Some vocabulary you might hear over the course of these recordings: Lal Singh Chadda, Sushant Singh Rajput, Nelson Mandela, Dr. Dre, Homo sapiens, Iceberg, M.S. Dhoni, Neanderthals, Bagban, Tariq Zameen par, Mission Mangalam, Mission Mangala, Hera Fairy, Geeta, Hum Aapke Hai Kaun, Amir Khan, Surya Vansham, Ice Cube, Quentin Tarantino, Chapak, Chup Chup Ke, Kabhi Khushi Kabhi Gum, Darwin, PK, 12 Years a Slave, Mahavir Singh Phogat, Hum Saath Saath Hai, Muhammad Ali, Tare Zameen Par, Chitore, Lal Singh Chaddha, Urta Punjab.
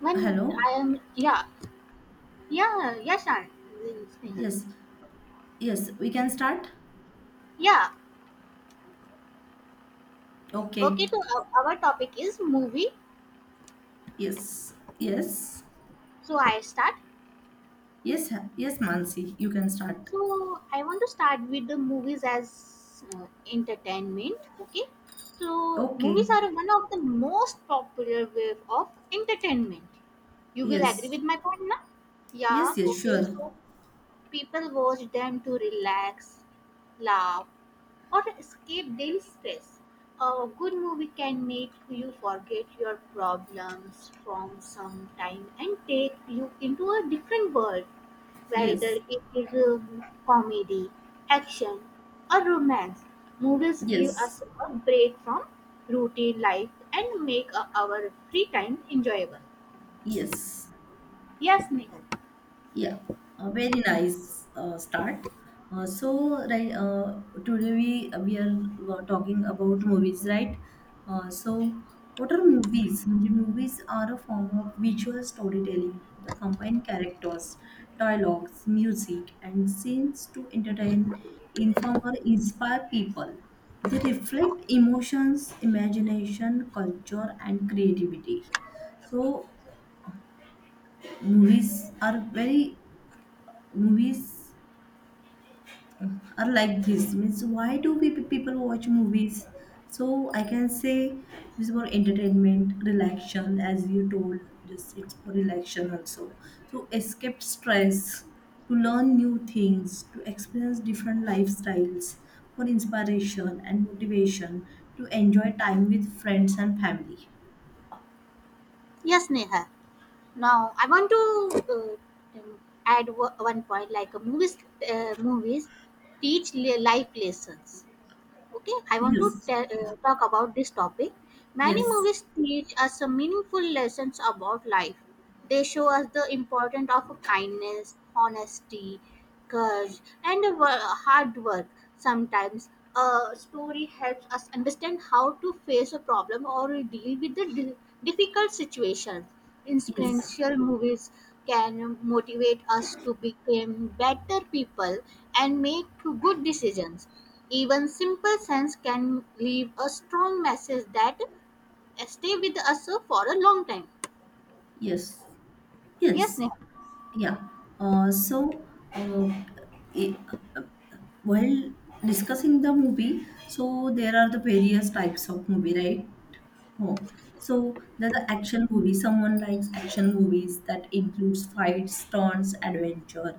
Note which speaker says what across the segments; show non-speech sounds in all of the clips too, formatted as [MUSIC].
Speaker 1: When
Speaker 2: Hello?
Speaker 1: I am, yeah, yeah, yeah, Shan, Snehal.
Speaker 2: Yes, yes, we can start?
Speaker 1: Yeah, okay,
Speaker 2: Okay.
Speaker 1: so our topic is movie.
Speaker 2: Yes, yes,
Speaker 1: So I start.
Speaker 2: yes, Mansi, you can start.
Speaker 1: So I want to start with the movies as uh, entertainment, okay? So movies
Speaker 2: Okay.
Speaker 1: are one of the most popular way of entertainment. You will agree
Speaker 2: Yes,
Speaker 1: with my point now? Yeah,
Speaker 2: yes,
Speaker 1: okay,
Speaker 2: sure.
Speaker 1: so people watch them to relax, laugh, or escape daily stress. A good movie can make you forget your problems from some time and take you into a different world, whether
Speaker 2: Yes,
Speaker 1: it is comedy, action, or romance. Movies give
Speaker 2: yes,
Speaker 1: us a break from routine life and make our free time enjoyable.
Speaker 2: yes,
Speaker 1: Yes, Nehal.
Speaker 2: Yeah, a very nice start. So, today we are talking about movies, right? So, what are movies? The movies are a form of visual storytelling. The combined characters, dialogues, music, and scenes to entertain, inform, or inspire people. They reflect emotions, imagination, culture, and creativity, so movies are very movies are like this. Means why do we people watch movies? So I can say this is for entertainment, relaxation, as you told. Just it's for relaxation also, to escape stress, to learn new things, to experience different lifestyles, for inspiration and motivation, to enjoy time with friends and family.
Speaker 1: Yes, Neha. Now, I want to add one point like movies teach life lessons. Okay, I want to
Speaker 2: yes
Speaker 1: talk about this topic. Many
Speaker 2: yes
Speaker 1: movies teach us some meaningful lessons about life. They show us the importance of kindness, honesty, courage, and a hard work. Sometimes a story helps us understand how to face a problem or deal with the difficult situations.
Speaker 2: yes
Speaker 1: Inspirational movies can motivate us to become better people and make good decisions. Even simple sense can leave a strong message that stay with us for a long time.
Speaker 2: yes
Speaker 1: Yes,
Speaker 2: yes
Speaker 1: Neha.
Speaker 2: yeah uh, so uh, i- While discussing the movie, so there are the various types of movie, right? Oh. So there are the action movies. Someone likes action movies that includes fights, stunts, adventure.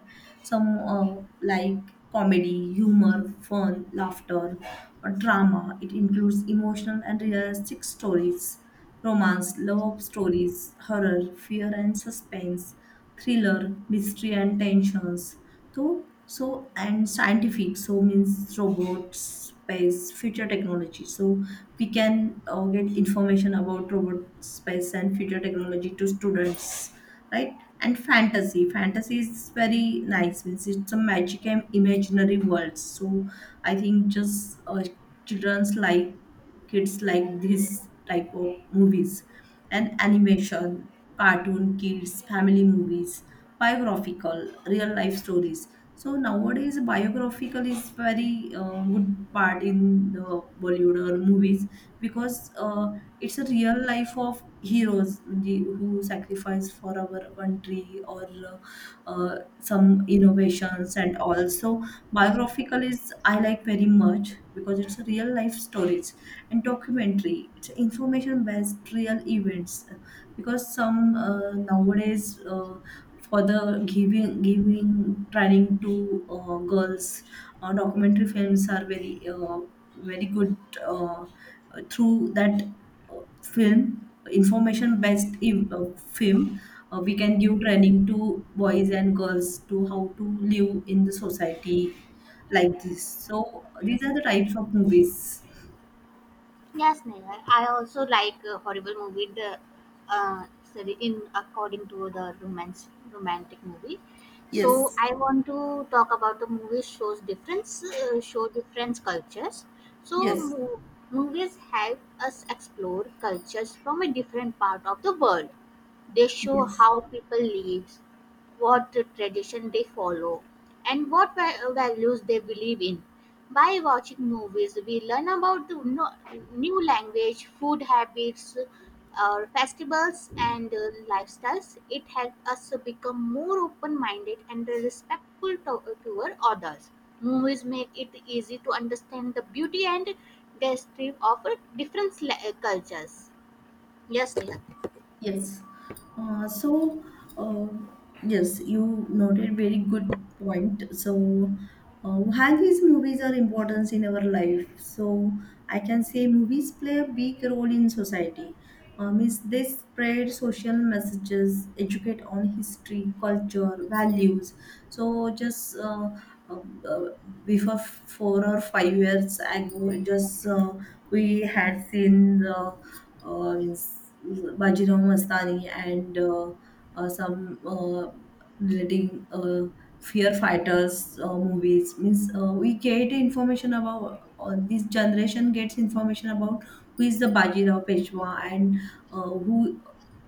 Speaker 2: Some like comedy, humor, fun, laughter, or drama. It includes emotional and realistic stories, romance, love stories, horror, fear, and suspense, thriller, mystery, and tensions. So and scientific. So means robots, space, future technology. So we can get information about robot, space, and future technology to students, right? And fantasy. Fantasy is very nice. Means it's a magic and imaginary world. So I think just childrens like kids like this type of movies, and animation, cartoon, kids, family movies, biographical, real life stories. So nowadays biographical is very good part in the Bollywood or movies, because uh, it's a real life of heroes म्हणजे who sacrifice for our country, or uh, some innovations. And also biographical is I like very much because it's a real life stories. And documentary, it's information based real events, because some nowadays for the giving training to girls, documentary films are very very good. uh, Through that film, information based in film, we can give training to boys and girls to how to live in the society. Like this, so these are the types of movies.
Speaker 1: Yes, Neha. I also like a horrible movie. Uh, in according to the romance romantic movie. So
Speaker 2: yes
Speaker 1: I want to talk about the movie shows difference show different cultures. So
Speaker 2: yes
Speaker 1: movies help us explore cultures from a different part of the world. They show
Speaker 2: yes
Speaker 1: how people live, what tradition they follow, and what values they believe in. By watching movies, we learn about the no, new language, food habits, festivals, and lifestyles. It helps us become more open-minded and respectful toward others. Movies make it easy to understand the beauty and destiny of different cultures. Yes, Neha.
Speaker 2: Yes. Uh, so, uh, yes, you noted very good point. So, why these movies are important in our life? So, I can say movies play a big role in society. Means they spread social messages, educate on history, culture, values. So, just uh, uh, before 4 or 5 years ago, just we had seen the means Bajirao Mastani and some relating fear fighters movies. Means we get information about this generation gets information about who is the Bajirao Peshwa, and who,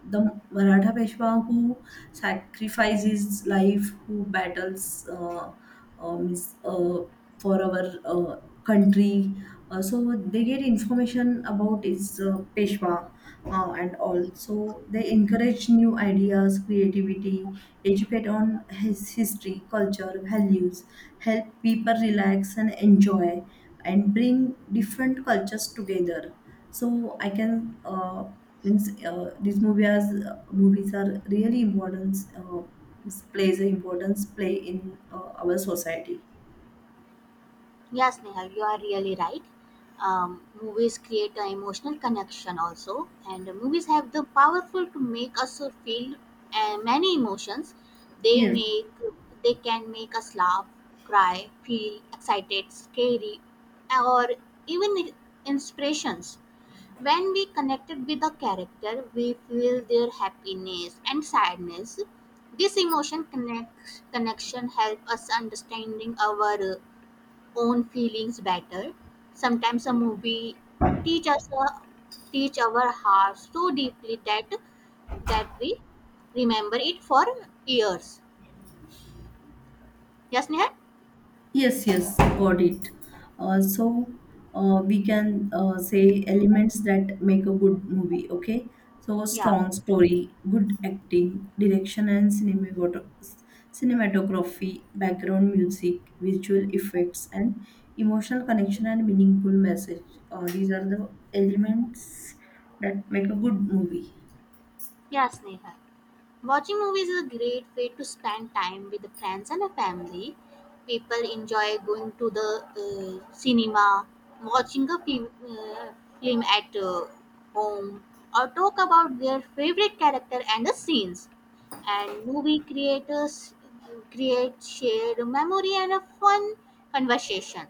Speaker 2: the Maratha Peshwa, who sacrifices his life, who battles uh, means, uh, for our country. So they get information about his Peshwa and all. So they encourage new ideas, creativity, educate on his history, culture, values, help people relax and enjoy, and bring different cultures together. So I can means these movies are really importance plays an importance play in our society.
Speaker 1: Yes, Neha, you are really right. Movies create an emotional connection also, and movies have the powerful to make us feel many emotions. They
Speaker 2: Yes,
Speaker 1: make they can make us laugh, cry, feel excited, scary, or even inspirations. When we connected with a character, we feel their happiness and sadness. This connection help us understanding our own feelings better. Sometimes a movie teach us a, teach our hearts so deeply that we remember it for years. Yes, Neha?
Speaker 2: Yes, yes, got it. Uh, so we can say elements that make a good movie, okay? So
Speaker 1: Yeah.
Speaker 2: strong story, good acting, direction and cinematography, background music, visual effects, and emotional connection and meaningful message. These are the elements that make a good movie.
Speaker 1: Yes, Neha. Watching movies is a great way to spend time with friends and the family. People enjoy going to the cinema, watching a film at home, or talk about their favorite character and the scenes. And movie creators create shared memory and a fun conversation.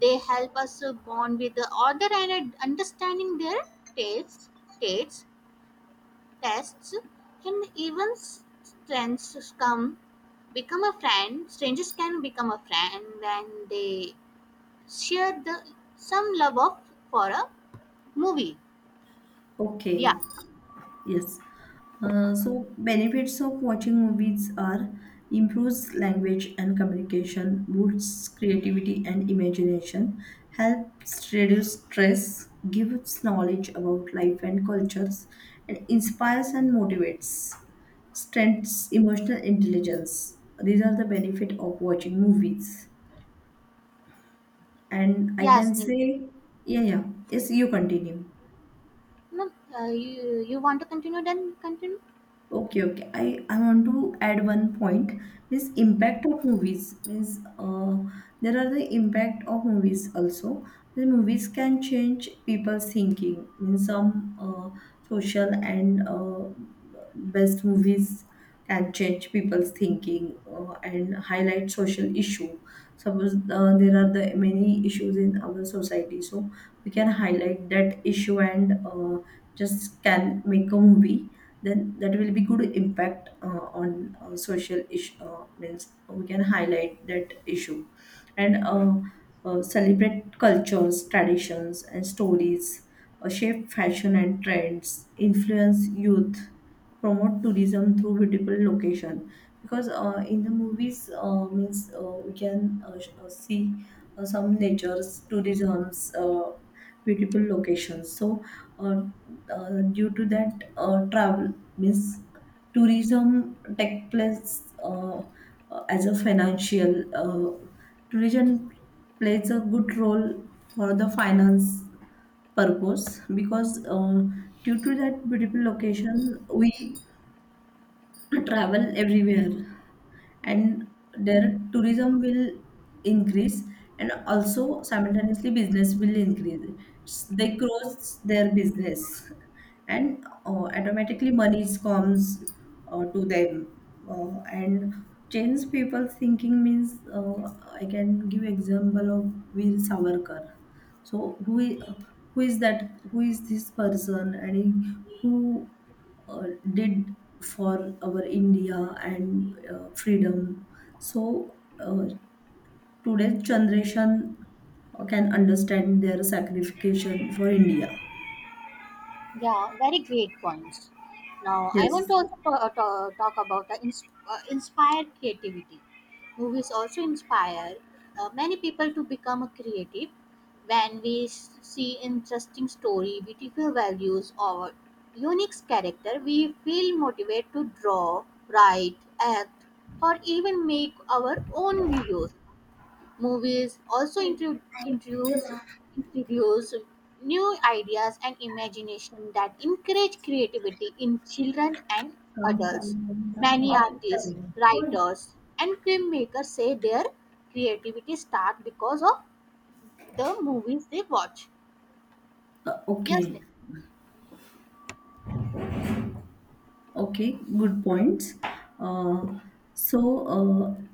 Speaker 1: They help us bond with the other and understanding their tastes. Tastes tests can even strangers come become a friend, strangers can become a friend and they share the some love of for a movie. Yeah,
Speaker 2: Okay. Yes. So benefits of watching movies are improves language and communication, boosts creativity and imagination, helps reduce stress, gives knowledge about life and cultures, and inspires and motivates, strengthens emotional intelligence. These are the benefit of watching movies. And I
Speaker 1: yeah,
Speaker 2: can
Speaker 1: Sneh.
Speaker 2: say, yeah, yeah. Yes, you continue.
Speaker 1: No, you want to continue then continue.
Speaker 2: Okay, okay. I want to add one point. Means impact of movies. Means there are the impact of movies also. The movies can change people's thinking. Means some social and best movies can change people's thinking and highlight social issue. Suppose there are the many issues in our society, so we can highlight that issue, and just can make a movie, then that will be good impact on social issue. Means we can highlight that issue, and celebrate cultures, traditions, and stories, shape fashion and trends, influence youth, promote tourism through beautiful location. Because in the movies means we can see some nature's tourism's beautiful locations. So uh, due to that travel, means tourism take place as a financial. uh, Tourism plays a good role for the finance purpose, because due to that beautiful location we travel everywhere, and their tourism will increase, and also simultaneously business will increase. They cross their business, and automatically money comes to them. And change people thinking, means I can give example of Veer Savarkar. So who is that, who is this person, and who uh, did for our India and freedom. So today's generation can understand their sacrifice for India.
Speaker 1: Yeah, very great points. Now, I want
Speaker 2: Yes.
Speaker 1: to also talk about inspired creativity. Movies also inspire many people to become a creative. When we see interesting story, beautiful values, or unique character, we feel motivated to draw, write, act, or even make our own videos. Movies also introduce new ideas and imagination that encourage creativity in children and adults. Many artists, writers, and filmmakers say their creativity start because of the movies they watch. Yes,
Speaker 2: Okay.
Speaker 1: Neha.
Speaker 2: Okay. Good points. Uh, so. Uh,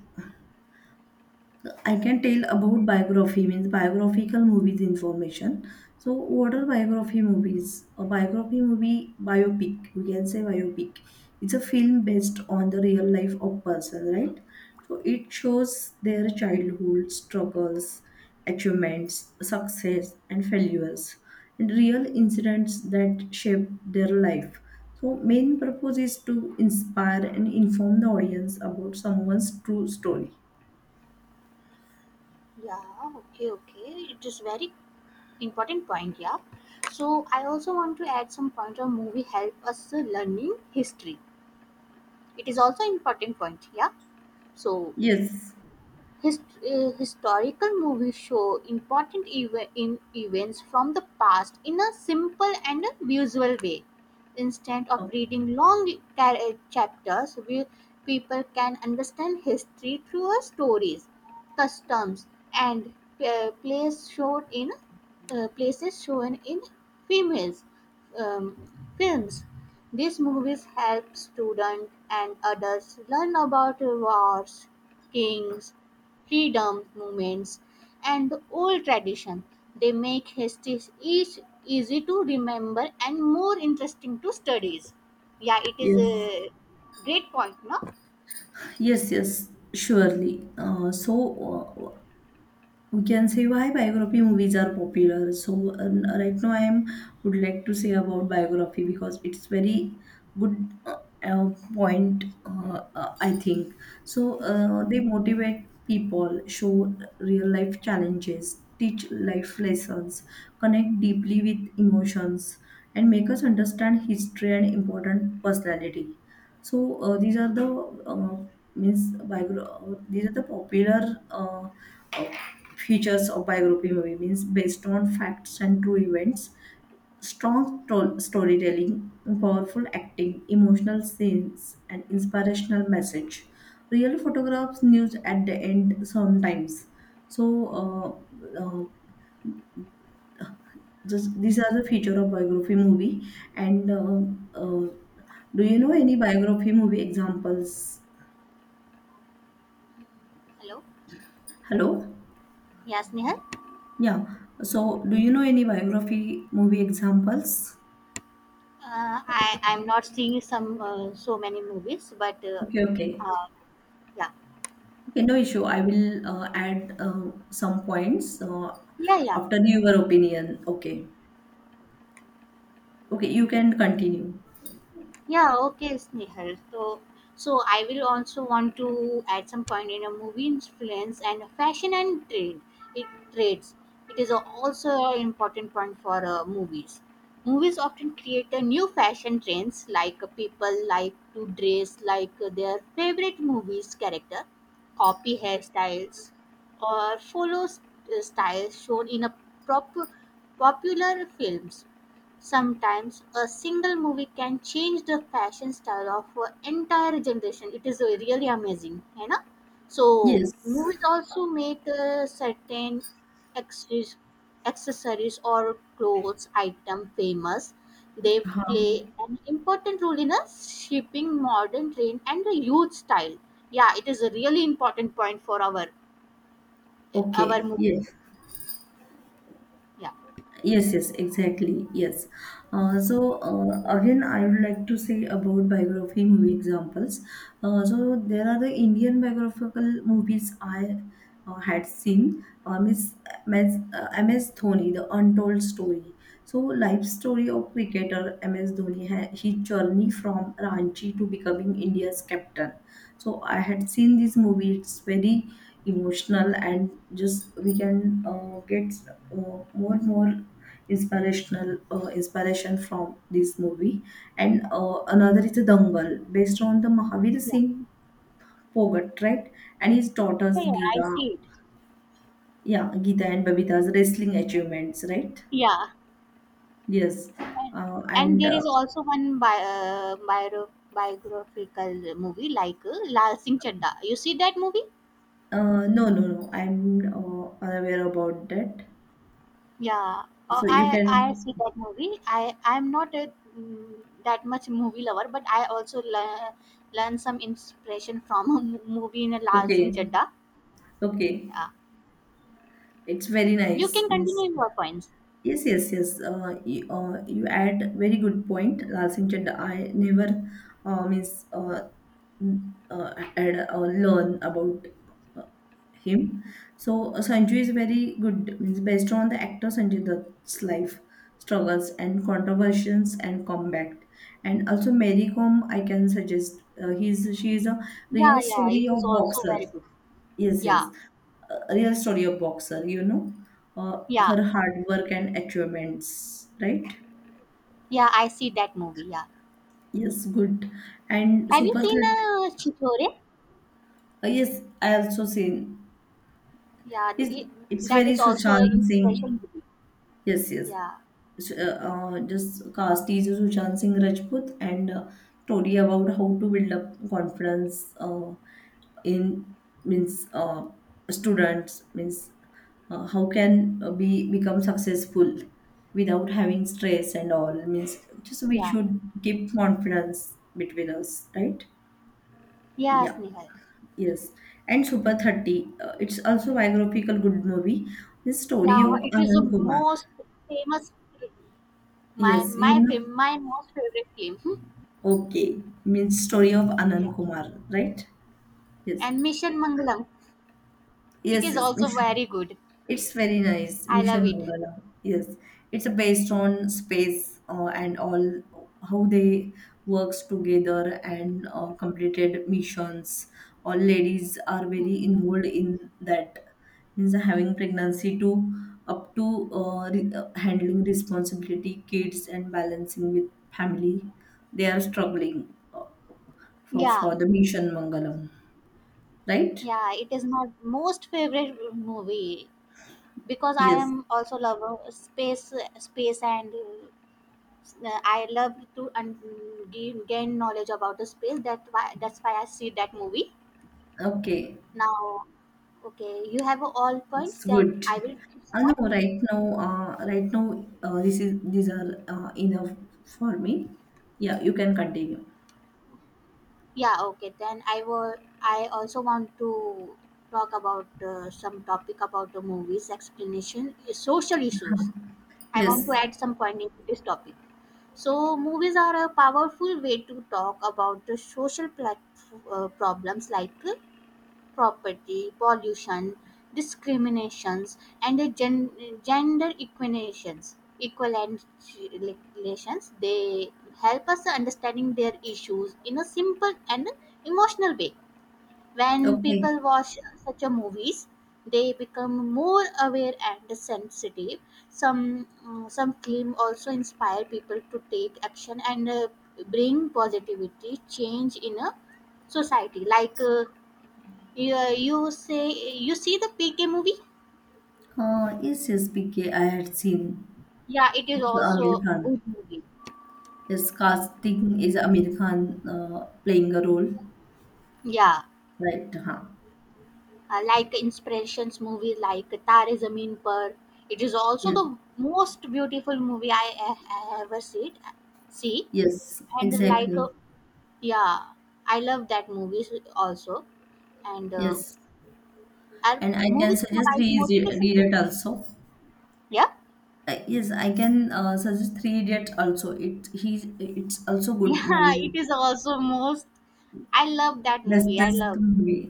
Speaker 2: I can tell about biography, means biographical movies information. So what are biography movies? A biography movie, biopic. We can say biopic. It's a film based on the real life of person, right? So it shows their childhood struggles, achievements, success, and failures, and real incidents that shape their life. So main purpose is to inspire and inform the audience about someone's true story.
Speaker 1: Yeah, okay. It is very important point, yeah. So I also want to add some point on movie help us learning history. It is also important point, yeah. So
Speaker 2: Yes.
Speaker 1: Historical movies show important eve- in events from the past in a simple and a visual way. Instead of reading long chapters, people can understand history through our stories, customs, and uh, place shown in places shown in females um, films. These movies help students and adults learn about wars, kings, freedom movements, and the old tradition. They make history each easy to remember and more interesting to studies. Yeah, it is
Speaker 2: Yes,
Speaker 1: a great point, no?
Speaker 2: yes, yes, surely. We can say why biography movies are popular. So right now I am would like to say about biography because it's very good point, I think. So they motivate people, show real life challenges, teach life lessons, connect deeply with emotions, and make us understand history and important personality. So these are the uh, these are the popular. Uh, Features of biography movie means based on facts and true events, strong storytelling, powerful acting, emotional scenes and inspirational message, real photographs, news at the end sometimes. So uh, uh, these are the feature of biography movie. And do you know any biography movie examples?
Speaker 1: Hello.
Speaker 2: Hello?
Speaker 1: Yes, Nihal.
Speaker 2: Yeah, so do you know any biography movie examples?
Speaker 1: I I'm not seeing some so many movies, but
Speaker 2: Okay, okay.
Speaker 1: uh, yeah,
Speaker 2: Okay, no issue. I will add some points
Speaker 1: yeah, yeah.
Speaker 2: after your opinion. Okay. Okay, you can continue.
Speaker 1: Yeah, okay, Snehal. So, so I will also want to add some point in a movie influence and fashion and trade. It trades. It is also an important point for movies. Movies often create a new fashion trends, like people like to dress like their favorite movies character, copy hairstyles, or follow styles shown in a prop- popular films. Sometimes a single movie can change the fashion style of an entire generation. It is really amazing, you know. So
Speaker 2: Yes.
Speaker 1: movies also make accessories, accessories or clothes item famous. They
Speaker 2: Huh.
Speaker 1: play an important role in a shaping modern trend and the youth style. Yeah, it is a really important point for our
Speaker 2: Okay.
Speaker 1: movie.
Speaker 2: Yes.
Speaker 1: Yeah,
Speaker 2: Yes, yes, exactly. Yes. Again, I would like to say about biography movie examples. So, there are the Indian biographical movies I had seen. Miss, Miss M.S. Dhoni, The Untold Story. So, life story of cricketer M.S. Dhoni, his journey from Ranchi to becoming India's captain. So, I had seen this movie. It's very emotional, and just we can get more and more inspiration from this movie. And another is a Dangal, based on the Mahavir
Speaker 1: yeah,
Speaker 2: Singh Phogat, right? And his
Speaker 1: yeah.
Speaker 2: daughters
Speaker 1: Yeah, I
Speaker 2: Geeta,
Speaker 1: see it.
Speaker 2: yeah, Geeta and Babita's wrestling achievements, right?
Speaker 1: Yeah.
Speaker 2: Yes,
Speaker 1: And and
Speaker 2: and
Speaker 1: there is also one biographical movie like Lal Singh Chadda. You see that movie?
Speaker 2: No, no, no. I'm unaware about that.
Speaker 1: Yeah,
Speaker 2: So you can.
Speaker 1: I see that movie. I'm not mm, that much movie lover, but I also learn some inspiration from [LAUGHS] a movie in a Lal Singh
Speaker 2: Okay,
Speaker 1: Chadda. Yeah,
Speaker 2: okay. It's very
Speaker 1: you
Speaker 2: nice,
Speaker 1: can
Speaker 2: Miss.
Speaker 1: continue your points.
Speaker 2: Yes, yes, yes. You add very good point, Lal Singh Chaddha. I never, means, n- had, learn about him. So Sanju is very good, means based on the actor Sanjay Dutt's life, struggles and controversies and comeback. And also Mary Kom, I can suggest, he's she is a
Speaker 1: Yeah,
Speaker 2: real
Speaker 1: yeah,
Speaker 2: story
Speaker 1: it is
Speaker 2: of
Speaker 1: also
Speaker 2: boxer.
Speaker 1: very good.
Speaker 2: Yes, yes,
Speaker 1: Yeah,
Speaker 2: a real story of boxer. You know,
Speaker 1: yeah,
Speaker 2: her hard work and achievements, right?
Speaker 1: yeah. I see that movie. Yeah,
Speaker 2: Yes, good. And
Speaker 1: have you
Speaker 2: Super
Speaker 1: seen
Speaker 2: Third,
Speaker 1: Chitore?
Speaker 2: yes, I also seen.
Speaker 1: Yeah,
Speaker 2: It's, it's
Speaker 1: that
Speaker 2: very
Speaker 1: is also an
Speaker 2: Sushant
Speaker 1: inspiration
Speaker 2: Singh.
Speaker 1: to me.
Speaker 2: Yes, yes.
Speaker 1: Yeah,
Speaker 2: So, just cast is Sushant Singh Rajput, and story about how to build up confidence in means students. Means how can be become successful without having stress and all. Means just we
Speaker 1: yeah,
Speaker 2: should keep confidence between us, right?
Speaker 1: yes,
Speaker 2: Yeah,
Speaker 1: Nihal.
Speaker 2: yes. And Super 30, it's also biographical good movie. The
Speaker 1: Yeah,
Speaker 2: story of
Speaker 1: it is the
Speaker 2: Anand Kumar.
Speaker 1: most famous film. My
Speaker 2: Yes, you
Speaker 1: my
Speaker 2: know.
Speaker 1: fav- my most favorite film. Hmm.
Speaker 2: Okay, means story of
Speaker 1: Yeah,
Speaker 2: Anand Kumar, right? Yes,
Speaker 1: and Mission Mangalam. It
Speaker 2: yes,
Speaker 1: is
Speaker 2: yes.
Speaker 1: also
Speaker 2: [LAUGHS]
Speaker 1: very good.
Speaker 2: It's very nice,
Speaker 1: I love
Speaker 2: Mission
Speaker 1: it.
Speaker 2: Mangala. Yes, it's based on space and all how they works together and completed missions. All ladies are
Speaker 1: Hmm.
Speaker 2: very involved in that. Means having pregnancy to up to handling responsibility, kids, and balancing with family. They are struggling for
Speaker 1: Yeah,
Speaker 2: the Mission Mangalam, right?
Speaker 1: yeah, it is my most favorite movie because I
Speaker 2: Yes.
Speaker 1: am also lover space and I love to gain knowledge about the space. That's why I see that movie.
Speaker 2: Okay,
Speaker 1: Now, okay, you have all points
Speaker 2: it's
Speaker 1: that
Speaker 2: good.
Speaker 1: I will
Speaker 2: I know
Speaker 1: start.
Speaker 2: right now. Right now, this is these are enough for me. Yeah, you can continue.
Speaker 1: Yeah, okay. Then I will. I also want to talk about some topic about the movies explanation, social issues. I want to
Speaker 2: Yes.
Speaker 1: add some point into this topic. So, movies are a powerful way to talk about the social problems like property, pollution, discriminations, and the gender equinations equalizations. They help us understanding their issues in a simple and emotional way. When
Speaker 2: Okay.
Speaker 1: people watch such a movies they become more aware and sensitive. Some some claim also inspire people to take action and bring positivity change in a society like yeah, you say you see the PK movie?
Speaker 2: Yes, yes, PK, I had seen.
Speaker 1: Yeah, it is
Speaker 2: It's Amir
Speaker 1: also
Speaker 2: Khan.
Speaker 1: good movie.
Speaker 2: Yes, casting is Amir Khan playing a role,
Speaker 1: Yeah,
Speaker 2: right? Huh.
Speaker 1: like inspirations movie like Tare Zameen Par. It is also
Speaker 2: Yes,
Speaker 1: the most beautiful movie I ever see. See
Speaker 2: yes,
Speaker 1: and like
Speaker 2: exactly.
Speaker 1: yeah, I love that movies also. And
Speaker 2: Yes,
Speaker 1: our
Speaker 2: and I can
Speaker 1: movies
Speaker 2: suggest
Speaker 1: provide
Speaker 2: re
Speaker 1: motivation
Speaker 2: read
Speaker 1: too.
Speaker 2: it also.
Speaker 1: Yeah,
Speaker 2: Yes, I can suggest Three Idiots also. It's also
Speaker 1: [LAUGHS]
Speaker 2: good
Speaker 1: yeah, it
Speaker 2: movie.
Speaker 1: is also most. I love that movie. I
Speaker 2: Bestest
Speaker 1: love.
Speaker 2: movie.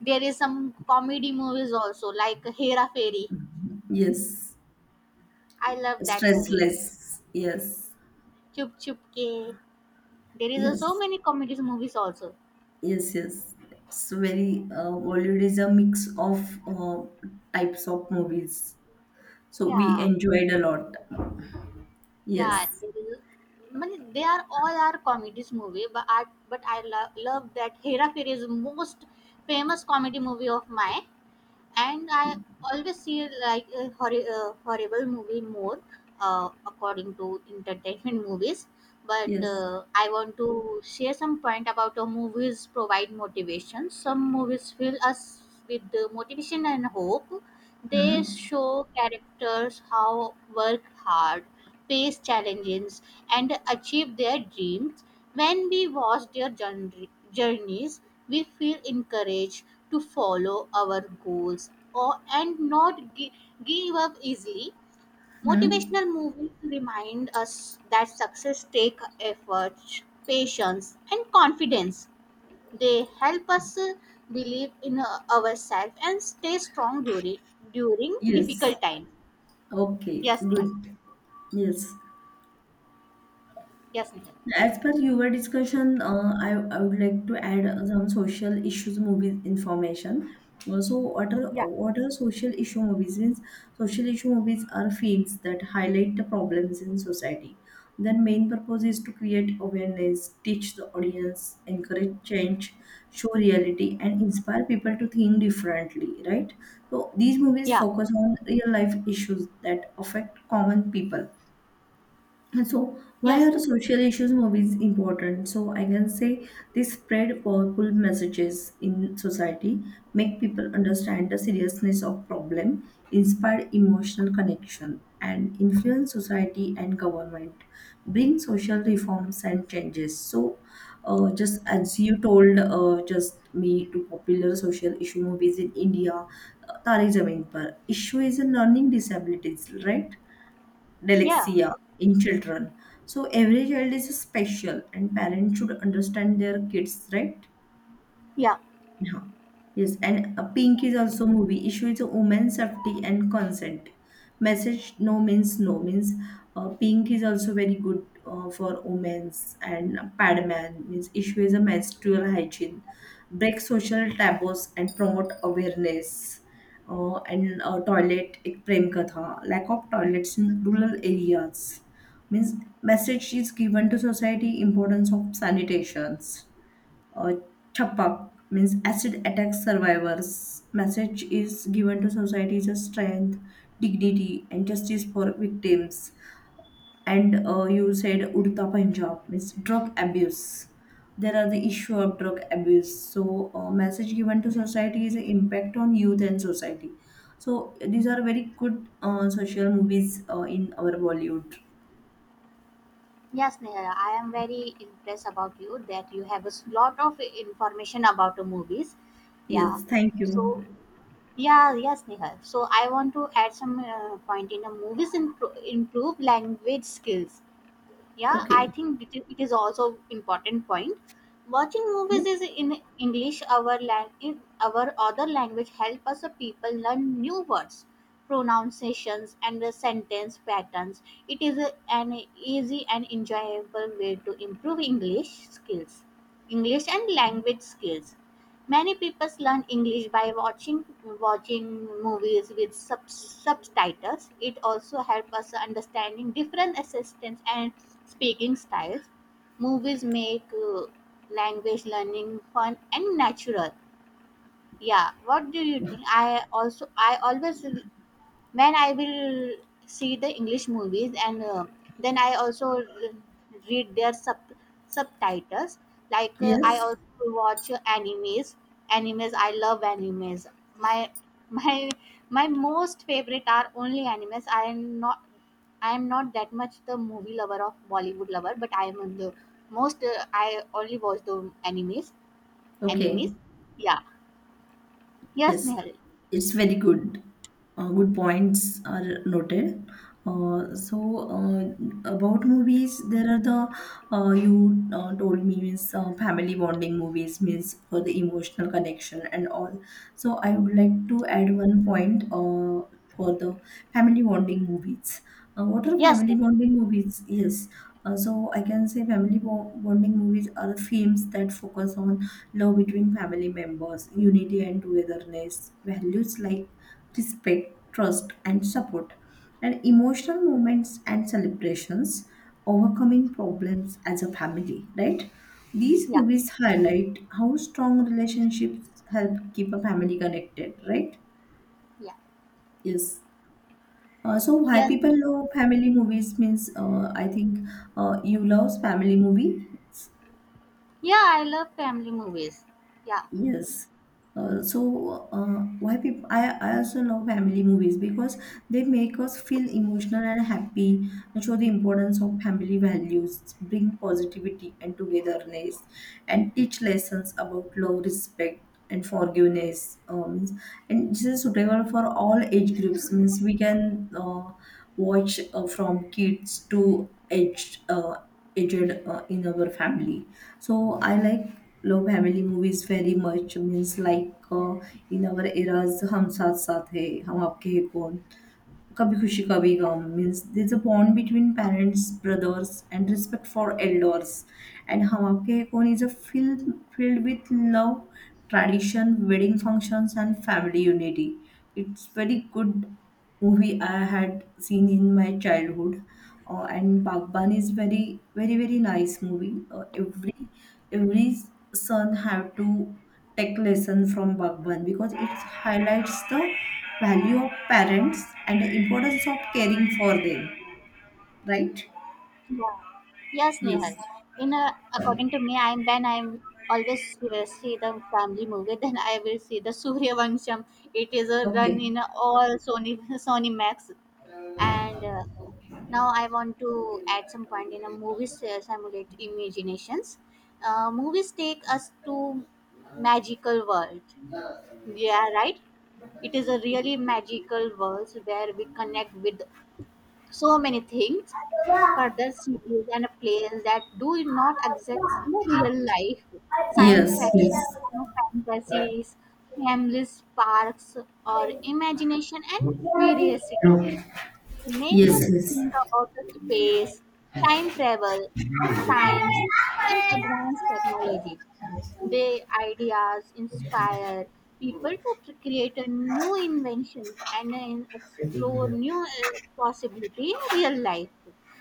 Speaker 1: There is some comedy movies also like Hera Fairy.
Speaker 2: Yes.
Speaker 1: I love that movie.
Speaker 2: Stressless. Yes.
Speaker 1: Chup Chup Ke. So
Speaker 2: Yes.
Speaker 1: many comedies movies also.
Speaker 2: Yes. Yes. It's very Bollywood is a mix of uh, types of movies. So we
Speaker 1: Yeah,
Speaker 2: enjoyed a lot.
Speaker 1: yeah.
Speaker 2: Yes.
Speaker 1: There is, I mean, they are all are comedies movie, but I love that Hera Fairy is most famous comedy movie of mine. And I always see it like a, a horrible movie more according to entertainment [LAUGHS] movies. But
Speaker 2: Yes.
Speaker 1: I want to share some point about how movies provide motivation. Some movies fill us with the motivation and hope. They
Speaker 2: Hmm.
Speaker 1: show characters how work hard, face challenges, and achieve their dreams. When we watch their journeys, we feel encouraged to follow our goals or and not give up easily.
Speaker 2: Hmm.
Speaker 1: Motivational movies remind us that success take effort, patience and confidence. They help us believe in ourselves and stay strong during
Speaker 2: Yes.
Speaker 1: difficult times.
Speaker 2: Okay.
Speaker 1: Yes, Nihal.
Speaker 2: Good. Yes.
Speaker 1: Yes, Nihal.
Speaker 2: As per your discussion, I would like to add some social issues movie information. So,
Speaker 1: Yeah,
Speaker 2: what are social issue movies? Means social issue movies are films that highlight the problems in society. Their main purpose is to create awareness, teach the audience, encourage change, show reality, and inspire people to think differently. Right. So these movies
Speaker 1: yeah,
Speaker 2: focus on real life issues that affect common people, and so, why
Speaker 1: yes,
Speaker 2: are
Speaker 1: Nihal.
Speaker 2: social issues movies important? So, I can say they spread powerful messages in society, make people understand the seriousness of problem, inspire emotional connection, and influence society and government, bring social reforms and changes. So, just as you told, just me to popular social issue movies in India, Tariq Zameen par issue is a learning disabilities, right?
Speaker 1: Yeah,
Speaker 2: Dyslexia in children. So every child is special, and parents should understand their kids, right?
Speaker 1: yeah.
Speaker 2: Yeah. Yes, and a pink is also movie. Issue is a women's safety and consent. Message no means no means pink is also very good for women's and padman means issue is a menstrual hygiene. Break social taboos and promote awareness. And toilet एक प्रेम कथा lack of toilets in rural areas means message is given to society importance of sanitations, uh, chapak means acid attack survivors message is given to society is a strength, dignity and justice for victims. And you said urta punjab means drug abuse, there are the issue of drug abuse. So message given to society is an impact on youth and society. So these are very good social movies in our bollywood.
Speaker 1: Yes, Neha, I am very impressed about you that you have a lot of information about the movies. Yeah.
Speaker 2: Yes, thank you.
Speaker 1: So, yeah, yes, Neha. So, I want to add some point in the movies improve language skills. Yeah, I
Speaker 2: Okay.
Speaker 1: think it is also important point. Watching
Speaker 2: Hmm?
Speaker 1: movies is in english our in our other language help us people learn new words, pronunciations and the sentence patterns. It is an easy and enjoyable way to improve english skills, english and language skills. Many people learn English by watching movies with subtitles. It also helps us understanding different accents and speaking styles. Movies make language learning fun and natural. Yeah, what do you think? I also I always when I will see the English movies and then I also read their subtitles. Like I
Speaker 2: Yes.
Speaker 1: also watch animes. Animes, I love animes. My my my most favorite are only animes. I am not that much the movie lover of Bollywood lover, but I am the most. I only watch the animes. Animes,
Speaker 2: Okay.
Speaker 1: yeah. Yes,
Speaker 2: Yes,
Speaker 1: Nehal.
Speaker 2: it's very good. Good points are noted. Uh, so uh, about movies, there are the you told me means family bonding movies means for the emotional connection and all. So I would like to add one point for the family bonding movies. What are
Speaker 1: Yes,
Speaker 2: family
Speaker 1: Nehal.
Speaker 2: bonding movies? Yes, so I can say bonding movies are the films that focus on love between family members, unity and togetherness, values like respect, trust, and support, and emotional moments and celebrations, overcoming problems as a family. Right? These
Speaker 1: Yeah,
Speaker 2: movies highlight how strong relationships help keep a family connected. Right?
Speaker 1: yeah.
Speaker 2: Yes. So why
Speaker 1: Yes.
Speaker 2: people love family movies means I think you love family movies.
Speaker 1: Yeah, I love family movies. Yeah.
Speaker 2: Yes. Uh, so uh, why people I also love family movies because they make us feel emotional and happy, and show the importance of family values, bring positivity and togetherness, and teach lessons about love respect and forgiveness means, and this is suitable for all age groups means we can watch from kids to aged in our family. So I love family movies very much means like, in our eras hum saath saath hai hum aapke hai kaun kabhi khushi kabhi gum means there's a bond between parents brothers and respect for elders. And hum aapke hai kaun is a filled with love, tradition wedding functions and family unity. It's very good movie I had seen in my childhood. And Bagban is very very very nice movie. Every every son have to take lesson from Bagban because it highlights the value of parents and the importance of caring for them. Right?
Speaker 1: Yeah. Yes, Nehal.
Speaker 2: Yes.
Speaker 1: In a, according to me, I'm always see the family movie. [LAUGHS] Then I will see the Surya Vansham. It is a run
Speaker 2: Okay.
Speaker 1: in all Sony [LAUGHS] Sony Max. And now I want to add some point in a movie simulate imaginations. Movies take us to magical world. Yeah, right. It is a really magical world where we connect with so many things, further cities and places that do not exist in real life. Science
Speaker 2: Yes.
Speaker 1: fiction, fantasies, families, parks, or
Speaker 2: Yes.
Speaker 1: imagination and curiosity. They make us think about the space, time travel, science,
Speaker 2: Yes.
Speaker 1: and advanced technology.
Speaker 2: Yes.
Speaker 1: Their ideas inspire people to create a new inventions and explore new possibility in real life.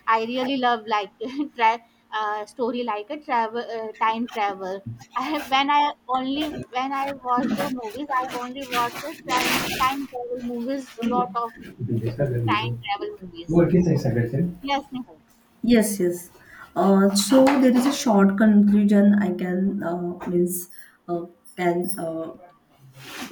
Speaker 1: I really love like [LAUGHS] tra- story like a travel time travel. When I only when I watch the movies, I only watch the time travel movies.
Speaker 2: Okay.
Speaker 1: Lot of
Speaker 2: You can discuss and
Speaker 1: time
Speaker 2: reason.
Speaker 1: travel movies.
Speaker 2: What is this suggestion?
Speaker 1: Yes, Nehal.
Speaker 2: Yes, yes. So there is a short conclusion I can means uh, can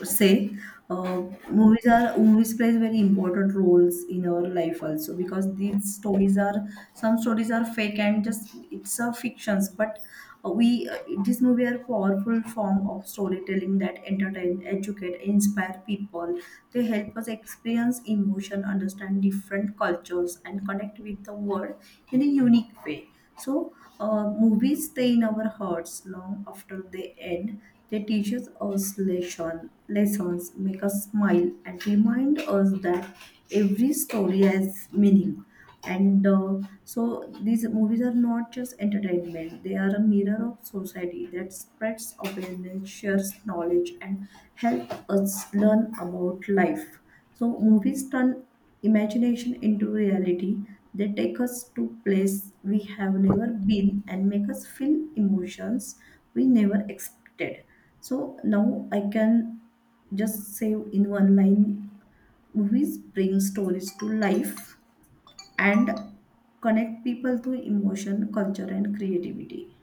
Speaker 2: say uh, movies plays very important roles in our life also because these stories are some stories are fake and just it's a fictions. But we this movie are powerful form of storytelling that entertain educate inspire people. They help us experience emotion, understand different cultures, and connect with the world in a unique way. So, movies stay in our hearts long after they end. They teach us lessons, make us smile, and remind us that every story has meaning. And so, these movies are not just entertainment, they are a mirror of society that spreads awareness, shares knowledge, and help us learn about life. So, movies turn imagination into reality. They take us to places we have never been and make us feel emotions we never expected. So now I can just say in one line, movies bring stories to life and connect people to emotion, culture, and creativity.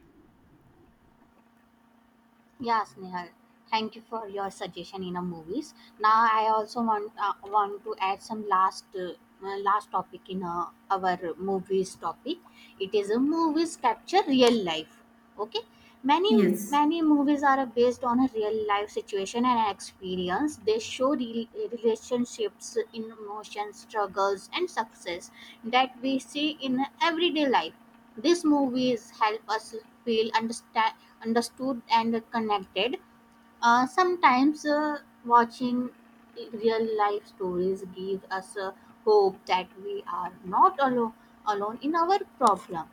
Speaker 1: Yes, Nehal. Thank you for your suggestion in a movies. Now I also want to add some last topic in our movies topic. It is a movies capture real life. Okay. Many
Speaker 2: Yes,
Speaker 1: many movies are based on a real life situation and experience. They show relationships, emotions, struggles, and success that we see in everyday life. These movies help us feel understood and connected. Sometimes watching real life stories give us hope that we are not alone in our problem.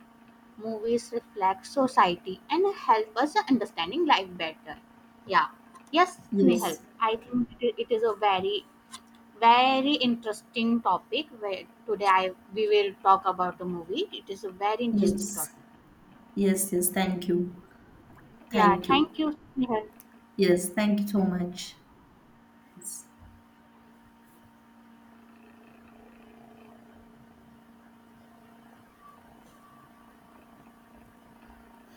Speaker 1: Movies reflect society and help us understanding life better. Yeah, yes, Nehal,
Speaker 2: yes,
Speaker 1: I think it is a very very interesting topic where today we will talk about the movie. It is a very
Speaker 2: yes,
Speaker 1: interesting topic.
Speaker 2: yes, yes. Thank you.
Speaker 1: Yeah,
Speaker 2: Thank you.
Speaker 1: thank you, Nehal.
Speaker 2: Yes, thank you so much. Yes.